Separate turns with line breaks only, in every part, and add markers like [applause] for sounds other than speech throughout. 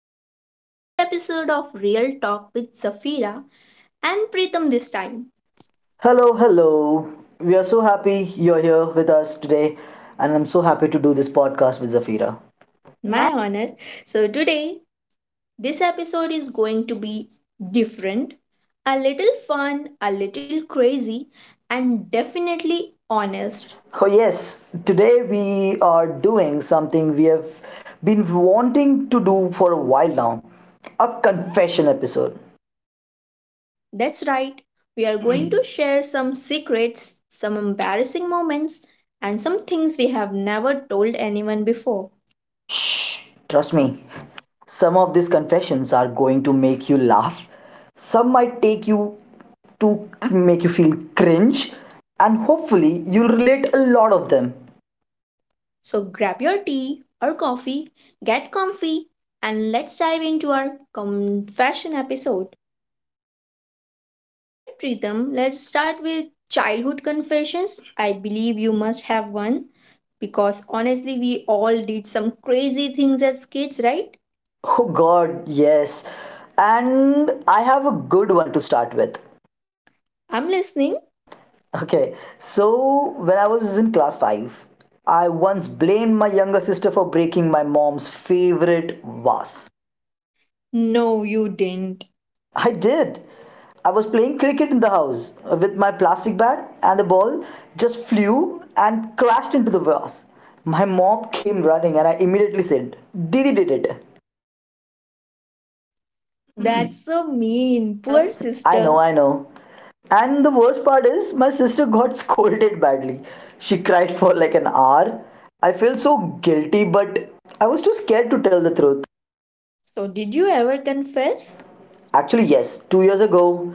back to another episode of Real Talk with Safira and Pritham this time.
Hello, hello. We are so happy you're here with us today, and I'm so happy to do this podcast with Zafira. My
My honor. Today this episode is going to be different, a little fun, a little crazy, and definitely
best.
honest.
Oh, yes, today we are doing something we have been wanting to do for a while now, a confession episode.
That's right, we are going to share some secrets, some embarrassing moments, and some things we have never told anyone before.
Shh, trust me, some of these confessions are going to make you laugh, some might take you to make you feel cringe, and hopefully, you'll relate a lot of them.
So grab your tea or coffee, get comfy, and let's dive into our confession episode. Alright, Pritham, let's start with childhood confessions. I believe you must have one because honestly, we all did some crazy things as kids, right?
Oh God, yes. And I have a good one to start with.
I'm listening.
Okay, so when I was in class 5, I once blamed my younger sister for breaking my mom's favorite vase.
No, you didn't.
I did. I was playing cricket in the house with my plastic bat, and the ball just flew and crashed into the vase. My mom came running, and I immediately said, Didi did it.
[laughs] That's so mean. Poor
Sister,
sister.
I know. And the worst part is, my sister got [laughs] scolded badly. She cried for like an hour. I felt so guilty, but I was too scared to tell the truth.
So, did you ever
Yes.
confess?
Actually, yes, 2 years ago,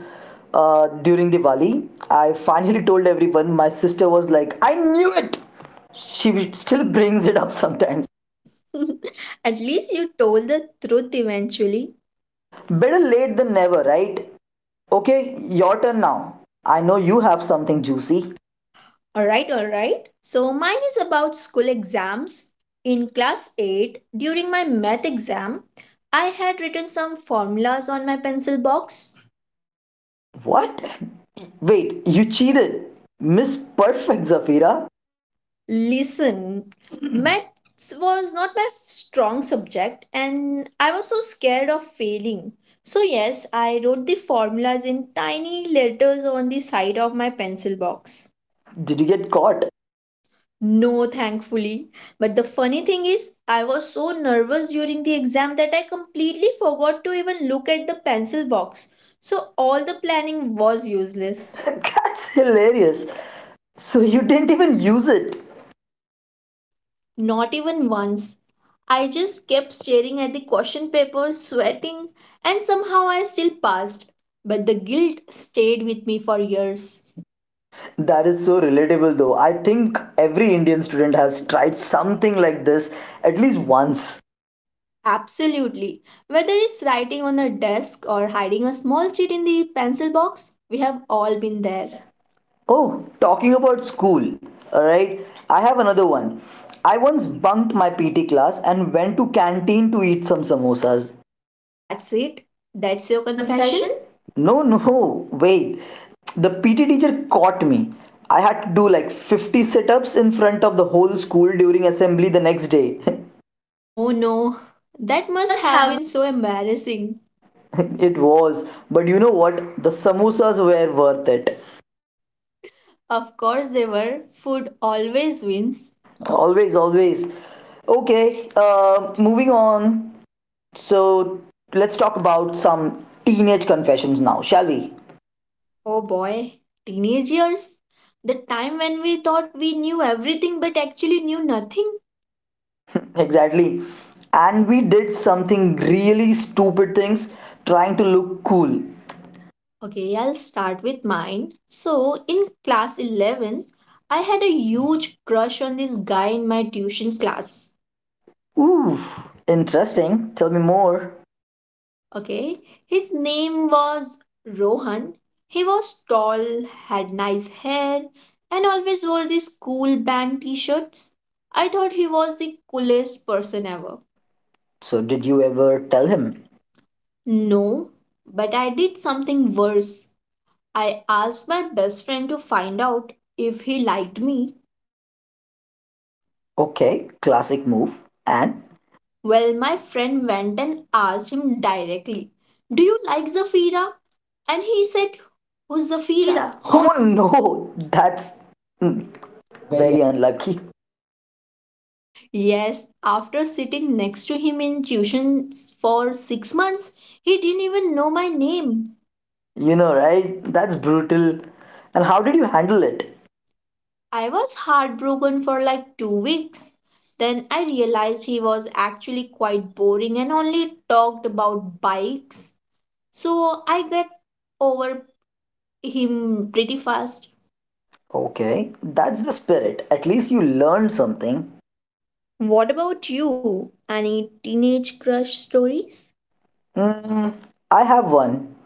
during Diwali, I finally told everyone. My sister was like, I knew it! She still brings it up [laughs] sometimes.
[laughs] At least you told the truth eventually.
Better late than never, right? Okay, your turn now. I know you have something juicy.
All right. So mine is about school exams. In class 8, during my math exam, I had written some formulas on my pencil box.
What? Wait, you cheated! Miss Perfect, Zafira!
Listen, [clears throat] maths was not my strong subject and I was so scared of failing. So, yes, I wrote the formulas in tiny letters on the side of my pencil box.
Did you get caught?
No, thankfully. But the funny thing is, I was so nervous during the exam that I completely forgot to even look at the pencil box. So all the planning was
Useless.
useless.
[laughs] That's hilarious. So you didn't even use it.
Not even once. I just kept staring at the question paper, sweating, and somehow I still passed. But the guilt stayed with me for years.
That is so relatable though. I think every Indian student has tried something like this at least once.
Absolutely. Whether it's writing on a desk or hiding a small cheat in the pencil box, we have all been there.
There. Oh, talking about school, alright? I have another one. I once bunked my PT class and went to canteen to eat some samosas.
That's it? That's your
Your
confession?
confession? No, wait. The PT teacher caught me. I had to do like 50 sit ups in front of the whole school during assembly the next day. [laughs]
Oh no, that
That
must
must
have
have
been so embarrassing.
been. It was, but you know what? The samosas were worth it.
Of course, they were. Food always wins.
Always, always. Okay, moving on. So let's talk about some teenage confessions now, shall we?
Oh boy, teenage years. The time when we thought we knew everything but actually knew nothing.
Exactly. And we did something really stupid things trying to look cool.
Okay, I'll start with mine. So, in class 11, I had a huge crush on this guy in my tuition class.
Ooh, interesting. Tell me more.
Okay, his name was Rohan. He was tall, had nice hair, and always wore these cool band t shirts. I thought he was the coolest person ever.
So, did you ever tell him?
No, but I did something worse. I asked my best friend to find out if he liked me.
Okay, classic move. And?
Well, my friend went and asked him directly, "Do you like Zafira?" And he said, "Who's Zafira?
Safira.
Who —"
Oh no, that's mm, very unlucky.
Yes, after sitting next to him in tuition for 6 months, he didn't even know my name.
You know, right? That's brutal. And how did you handle it?
I was heartbroken for like 2 weeks. Then I realized he was actually quite boring and only talked about bikes. So I got over him pretty fast.
Okay, that's the spirit. At least you learned something.
What about you? Any teenage crush stories?
Mm, I have one.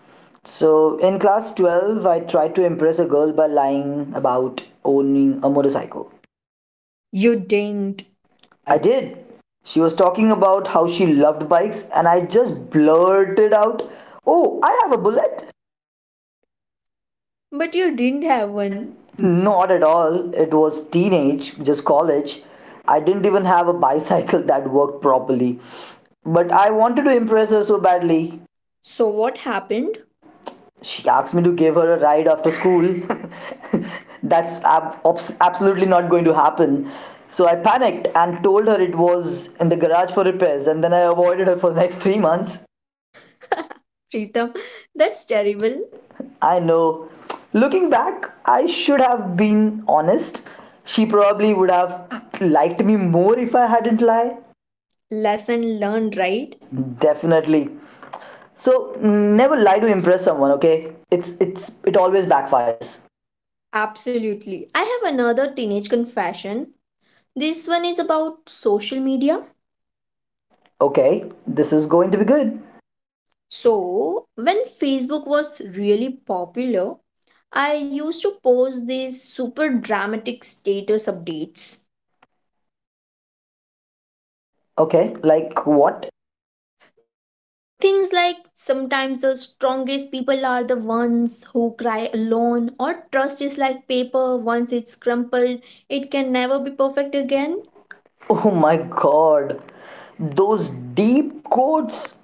So, in class 12, I tried to impress a girl by lying about owning a motorcycle.
You didn't.
I did. She was talking about how she loved bikes, and I just blurted out, Oh, I have a bullet.
But you didn't have one.
When? Not at all. It was teenage, just college. I didn't even have a bicycle [laughs] that worked properly. But I wanted to impress her so badly.
So what happened?
She asked me to give her a ride after school. [laughs] That's absolutely not going to happen. So I panicked and told her it was in the garage for repairs, and then I avoided her for the next 3 months.
[laughs] Pritam, that's terrible.
Well, I know. Looking back, I should have been honest. She probably would have liked me more if I hadn't lied.
Lesson learned, right?
Definitely. So never lie to impress someone, okay? It always backfires.
Absolutely. I have another teenage confession. This one is about social media.
Okay, this is going to be good.
So, when Facebook was really popular, I used to post these super dramatic status updates.
Okay, like what?
Things like, "Sometimes the strongest people are the ones who cry alone," or, "Trust is like paper, once it's crumpled, it can never be perfect again."
Oh my god. Those deep quotes.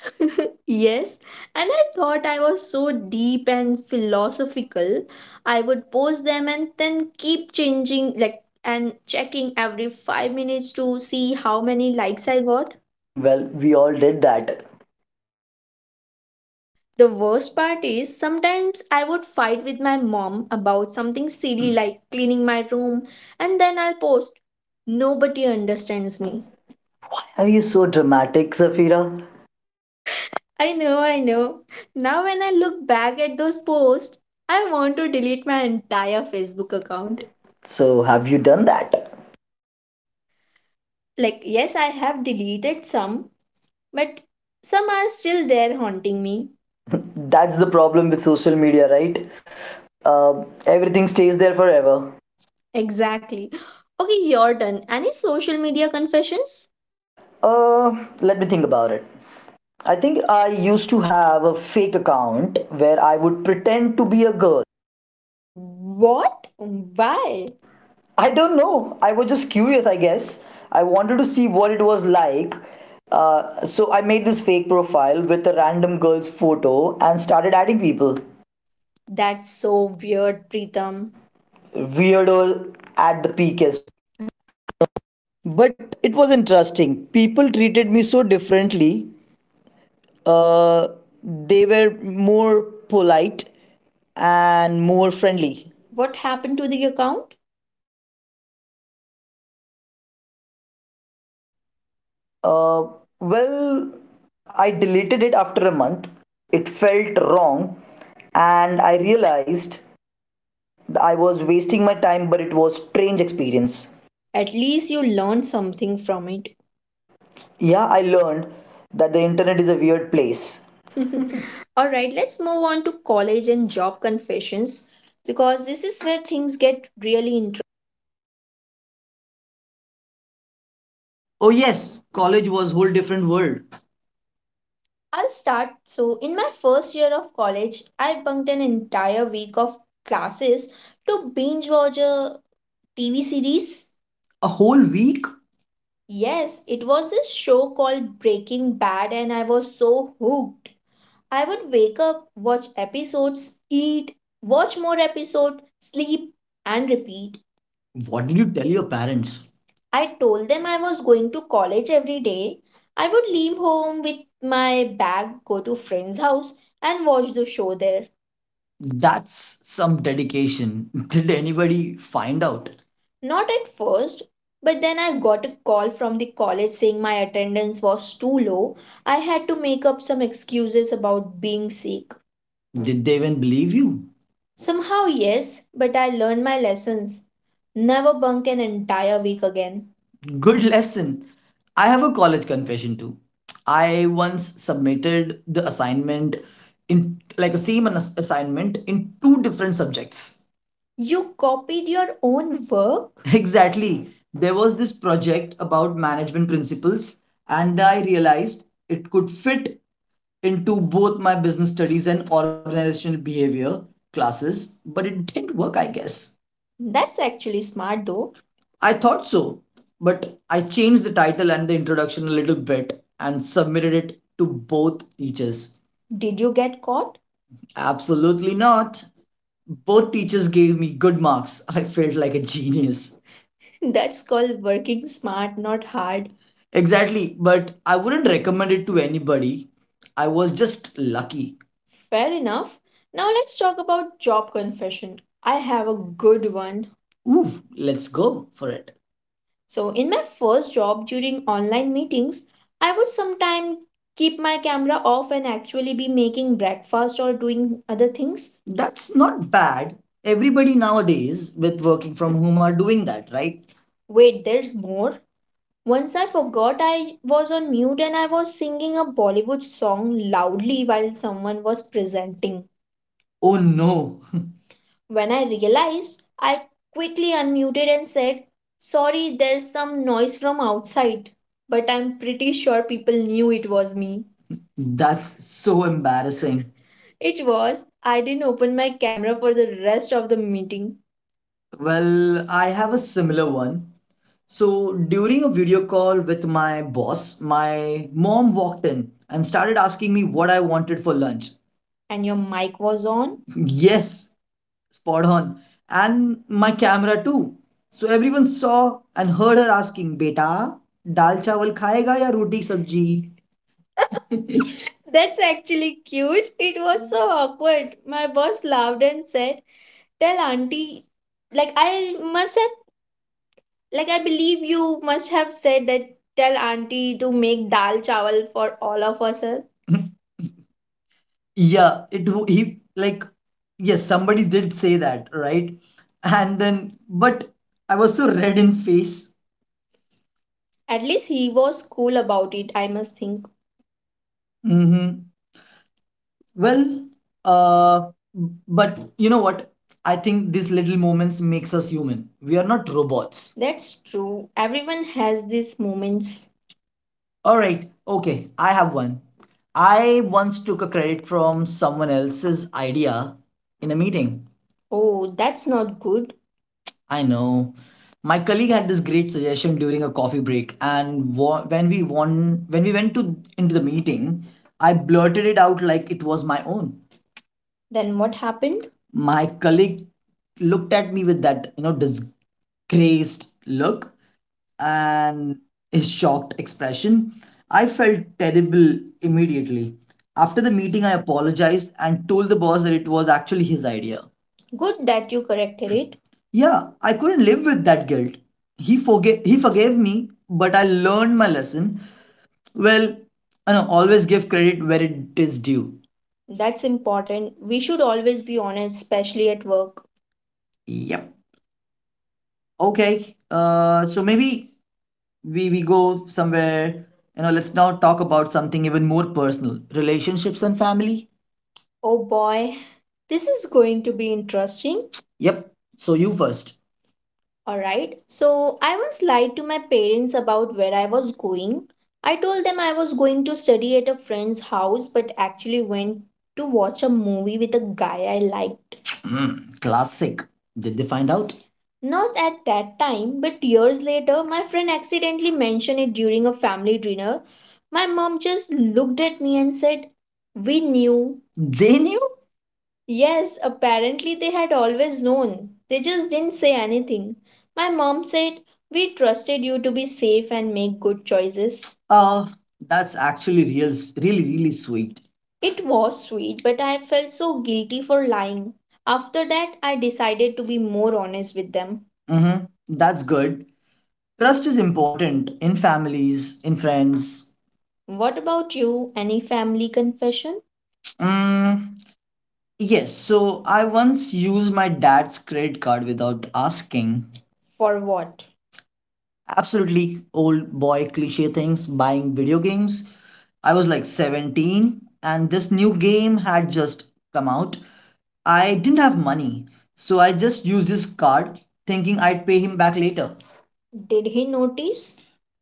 [laughs] Yes, and I thought I was so deep and philosophical. I would post them and then keep changing and checking every 5 minutes to see how many likes I got.
Well, we all did that.
The worst part is sometimes I would fight with my mom about something silly like cleaning my room, and then I'll post, "Nobody
That's
understands me."
me. Are you so dramatic, Zafira?
I know. Now, when I look back at those posts, I want to delete my entire Facebook
Bound.
account.
So have you done that?
Like, yes, I have deleted some, but some are still there haunting me.
That's the problem with social media, right? uh, everything stays there forever.
Exactly. Okay, your turn. Any social media confessions?
uh, let me think about it. I think I used to have a fake account where I would pretend to be a girl.
What? Why?
I don't know, I was just curious, I guess. I wanted to see what it was like. So I made this fake profile with a random girl's photo and started adding people.
That's so weird, Pritam.
Weirdo at the peak.
What happened to the account?
Uh, well, I deleted it after a month. It felt wrong, and I realized that I was wasting my time, but it was a strange experience.
At least you learned something from it.
Yeah, I learned that the internet is a weird place.
[laughs] All right, let's move on to college and job confessions because this is where things get really interesting. Oh yes, college was whole different world. I'll start. So, in my first year of college, I bunked an entire week of classes to binge watch a TV series. A whole week? Yes, it was this show called Breaking Bad, and I was so hooked. I would wake up, watch episodes, eat, watch more episode, sleep, and repeat. What did you tell your parents? I told them I was going to college every day. I would leave home with my bag, go to friend's house, and watch the show there. That's some dedication. [laughs] Did anybody find out? Not at first, but then I got a call from the college saying my attendance was too low. I had to make up some excuses about being sick. Did they even believe you? Somehow, yes, but I learned my lessons. Never bunk an entire week again. Good [laughs] lesson. I have a college confession too. I once submitted the assignment in like a same assignment in two different subjects. You copied your own work? [laughs] Exactly. There was this project about management principles, and I realized it could fit into both my business studies and organizational behavior classes, but it didn't work, I guess. That's actually smart though. I thought so, but I changed the title and the introduction a little bit and submitted it to both teachers. Did you get caught? Absolutely not. Both teachers gave me good marks. I felt like a genius. [laughs] That's called working smart, not hard. Exactly, but I wouldn't recommend it to anybody. I was just lucky. Fair enough. Now let's talk about job confession. I have a good one. Ooh, let's go for it. So, in my first job during online meetings, I would sometimes keep my camera off and actually be making breakfast or doing other things. That's not bad. Everybody nowadays with working from home are doing that, right? Wait, there's more. Once I forgot I was on mute and I was singing a Bollywood song loudly while someone was presenting. Oh no. [laughs] When I realized, I quickly unmuted and said, "Sorry, there's some noise from outside," but I'm pretty sure people knew it was me. That's so embarrassing. It was. I didn't open my camera for the rest of the meeting. Well, I have a similar one. So, during a video call with my boss, my mom walked in and started asking me what I wanted for lunch. And your mic was on? Yes, spot on. And my camera too. So everyone saw and heard her asking, "Beta, dal chawal khayega ya roti sabji?" [laughs] That's actually cute. It was so awkward. My boss laughed and said, "Tell auntie," like I must have, like I believe you must have said that, "tell auntie to make dal chawal for all of us, sir." [laughs] Yeah, he like, yes, somebody did say that, right? And then but I was so red in face. At least he was cool about it, I must think. Mm-hmm. Well, uh, but you know what? I think these little moments makes us human. We are not robots. That's true. Everyone has these moments. All right. Okay. I have one. I once took a credit from someone else's idea in a meeting. Oh, that's not good. I know. My colleague had this great suggestion during a coffee break, and when we went to into the meeting, I blurted it out like it was my own. Then what happened? My colleague looked at me with that, you know, disgraced look, and his shocked expression, I felt terrible immediately. After the meeting, I apologized and told the boss that it was actually his idea. Good that you corrected it. Yeah, I couldn't live with that guilt. He forgave me, but I learned my lesson. Well, I know, always give credit where it is due. That's important. We should always be honest, especially at work. Yep. Okay. So maybe we go somewhere, you know, let's now talk about something even more personal, relationships and family. Oh boy, this is going to be interesting. Yep, so you first. All right. So I once lied to my parents about where I was going. I told them I was going to study at a friend's house, but actually went to watch a movie with a guy I liked. Mm, classic. Did they find out? Not at that time, but years later, my friend accidentally mentioned it during a family dinner. My mom just looked at me and said, "We knew." They knew? Yes, apparently they had always known. They just didn't say anything. My mom said, "We trusted you to be safe and make good choices." Uh, that's actually real, really, really sweet. It was sweet, but I felt so guilty for lying. After that, I decided to be more honest with them. Mm-hmm. That's good. Trust is important in families, in friends. What about you? Any family confession? Mm, yes, so I once used my dad's credit card without asking. For what? Absolutely old boy cliche things, buying video games. I was like 17, and this new game had just come out. I didn't have money, so I just used his card thinking I'd pay him back later. Did he notice?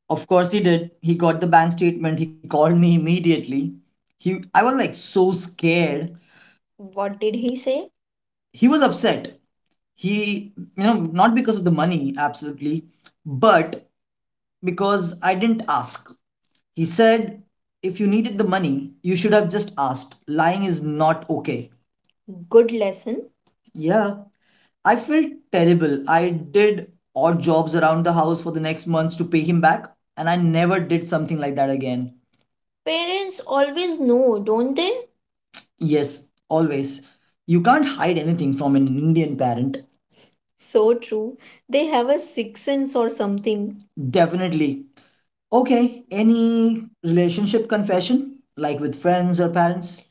Of course he did. He got the bank statement. He called me immediately. He I was like so scared. What did he say? He was upset. He, not because of the money, absolutely, but because I didn't ask. He said, if you needed the money, you should have just asked. Lying is not okay. Good lesson. Yeah, I felt terrible. I did odd jobs around the house for the next months to pay him back, and I never did something like that again. Parents always know, don't they? Yes, always. You can't hide anything from an Indian parent. So true. They have a sixth sense or something. Definitely. Okay, any relationship confession, like with friends or parents?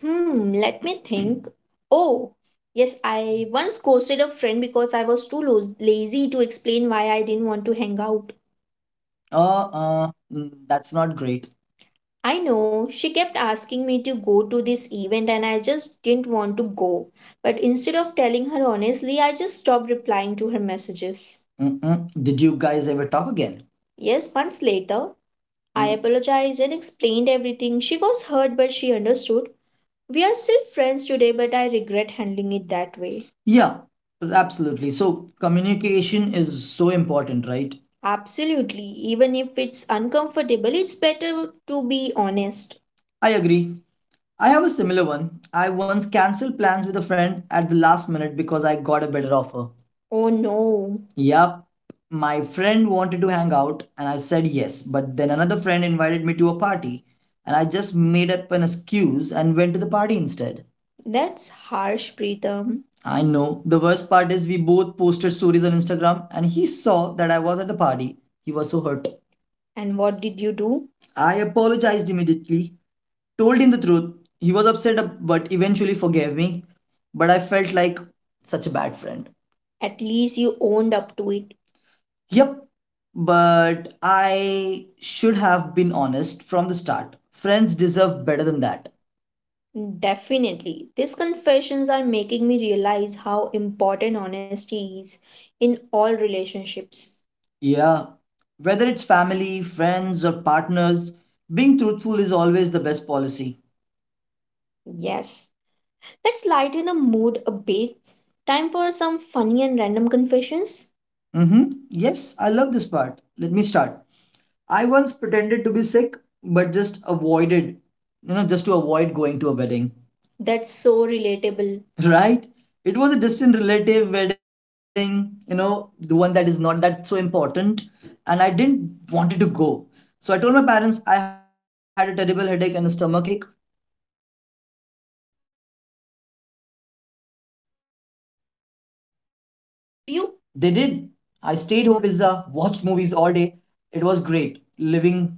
Hmm, let me think. Oh, yes, I once ghosted a friend because I was lazy to explain why I didn't want to hang out. Mm, that's not great. I know, she kept asking me to go to this event and I just didn't want to go. But instead of telling her honestly, I just stopped replying to her messages. Mm-mm. Did you guys ever talk again? Yes, months later, I mm, apologized and explained everything. She was hurt, but she understood. We are still friends today, but I regret handling it that way. Yeah, absolutely. So communication is so important, right? Absolutely. Even if it's uncomfortable, it's better to be honest. I agree. I have a similar one. I once cancelled plans with a friend at the last minute because I got a better offer. Oh no. Yup, my friend wanted to hang out and I said yes, but then another friend invited me to a party and I just made up an excuse and went to the party instead. That's harsh, Pritam. I know. The worst part is we both posted stories on Instagram and he saw that I was at the party. He was so hurt. And what did you do? I apologized immediately, told him the truth. He was but eventually forgave me. But I felt like such a bad friend. At least you owned up to it. Yep. But I should have been honest from the start. Friends deserve better than that. Definitely. These confessions are making me realize how important honesty is in all relationships. Yeah, whether it's family, friends, or partners, being truthful is always the best policy. Yes. Let's lighten the mood a bit. Time for some funny and random confessions. Mm-hmm. Yes, I love this part. Let me start. I once pretended to be sick, but just avoided, just to avoid going to a wedding. That's so relatable. [laughs] Right? It was a distant relative wedding, you know, the one that is not that so important, and I didn't wanted to go. So I told my parents I had a terrible headache and a stomach ache. Did they believe you? They did. I stayed home, ordered a pizza, watched movies all day. It was great, living the dream.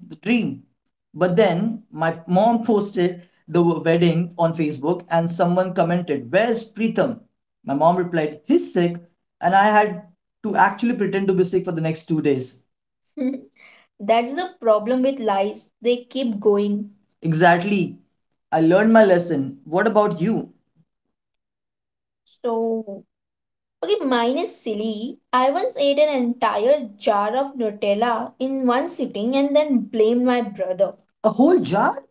But then my mom posted the wedding on Facebook and someone commented, Where's Preetham? My mom replied, He's sick. And I had to actually pretend to be sick for the next 2 days. [laughs] That's the problem with lies. They keep going. Exactly. I learned my lesson. What about you? So, okay, mine is silly. I once ate an entire jar of Nutella in one sitting and then blamed my brother. A whole jar.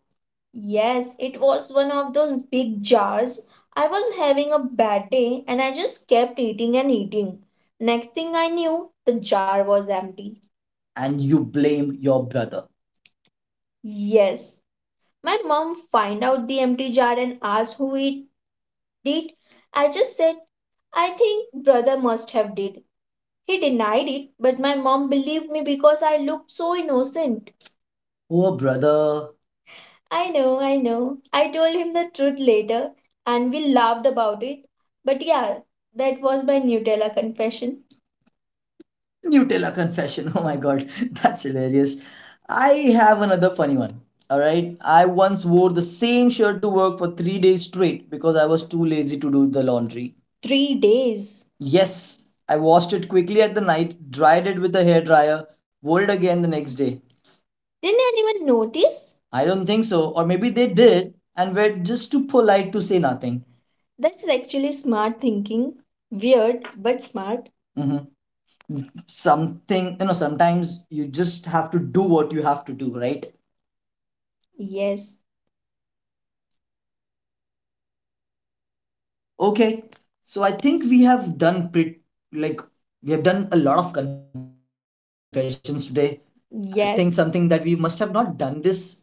Yes, it was one of those big jars. I was having a bad day and I just kept eating and eating. Next thing I knew, the jar was empty. And you blamed your brother. Yes. My mom find out the empty jar and asked who it did. I just said, I think brother must have did. He denied it, but my mom believed me because I looked so innocent. Poor brother. I know. I told him the truth later and we laughed about it. But yeah, that was my Nutella confession. Nutella confession. [laughs] Oh my god, [laughs] that's hilarious. I have another funny one. All right. I once wore the same shirt to work for 3 days straight because I was too lazy to do the laundry. 3 days. Yes, I washed it quickly at the night, dried it with a hair dryer, wore it again the next day. Didn't anyone notice? I don't think so. Or maybe they did and were just too polite to say nothing. That's actually smart thinking. Weird, but smart. hmm Something, sometimes you just have to do what you have to do, right? Yes. Okay. So I think we have done like, we have done a lot of confessions today. I Yes. think Yes. Something that we must have not done this at this podcast.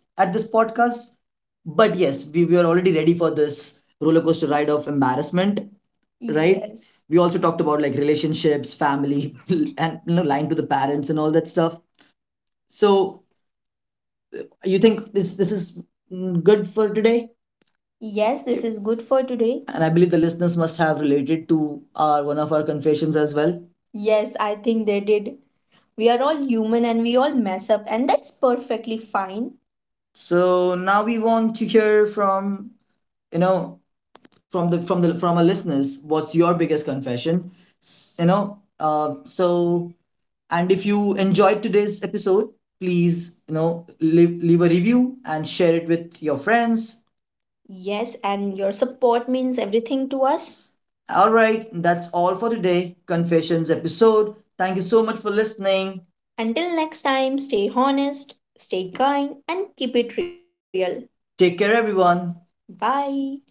But yes, we were already ready for this roller coaster ride of embarrassment, right? Yes. We also talked about like relationships, family, [laughs] and you know, lying to the parents and all that stuff. So you think this is good for today? Yes, this is good for today. And I believe the listeners must have related to our one of our confessions as well. Yes, I think they did. We are all human and we all mess up, and that's perfectly fine. So now we want to hear from you know from the from the from our listeners, what's your biggest confession? S- you know uh, so and if you enjoyed today's episode, please leave a review and share it with your friends. Yes, and your support means everything to us. All right, that's all for today confessions episode. Thank you so much for listening. Until next time, stay honest, stay kind, and keep it real. Take care everyone. Bye.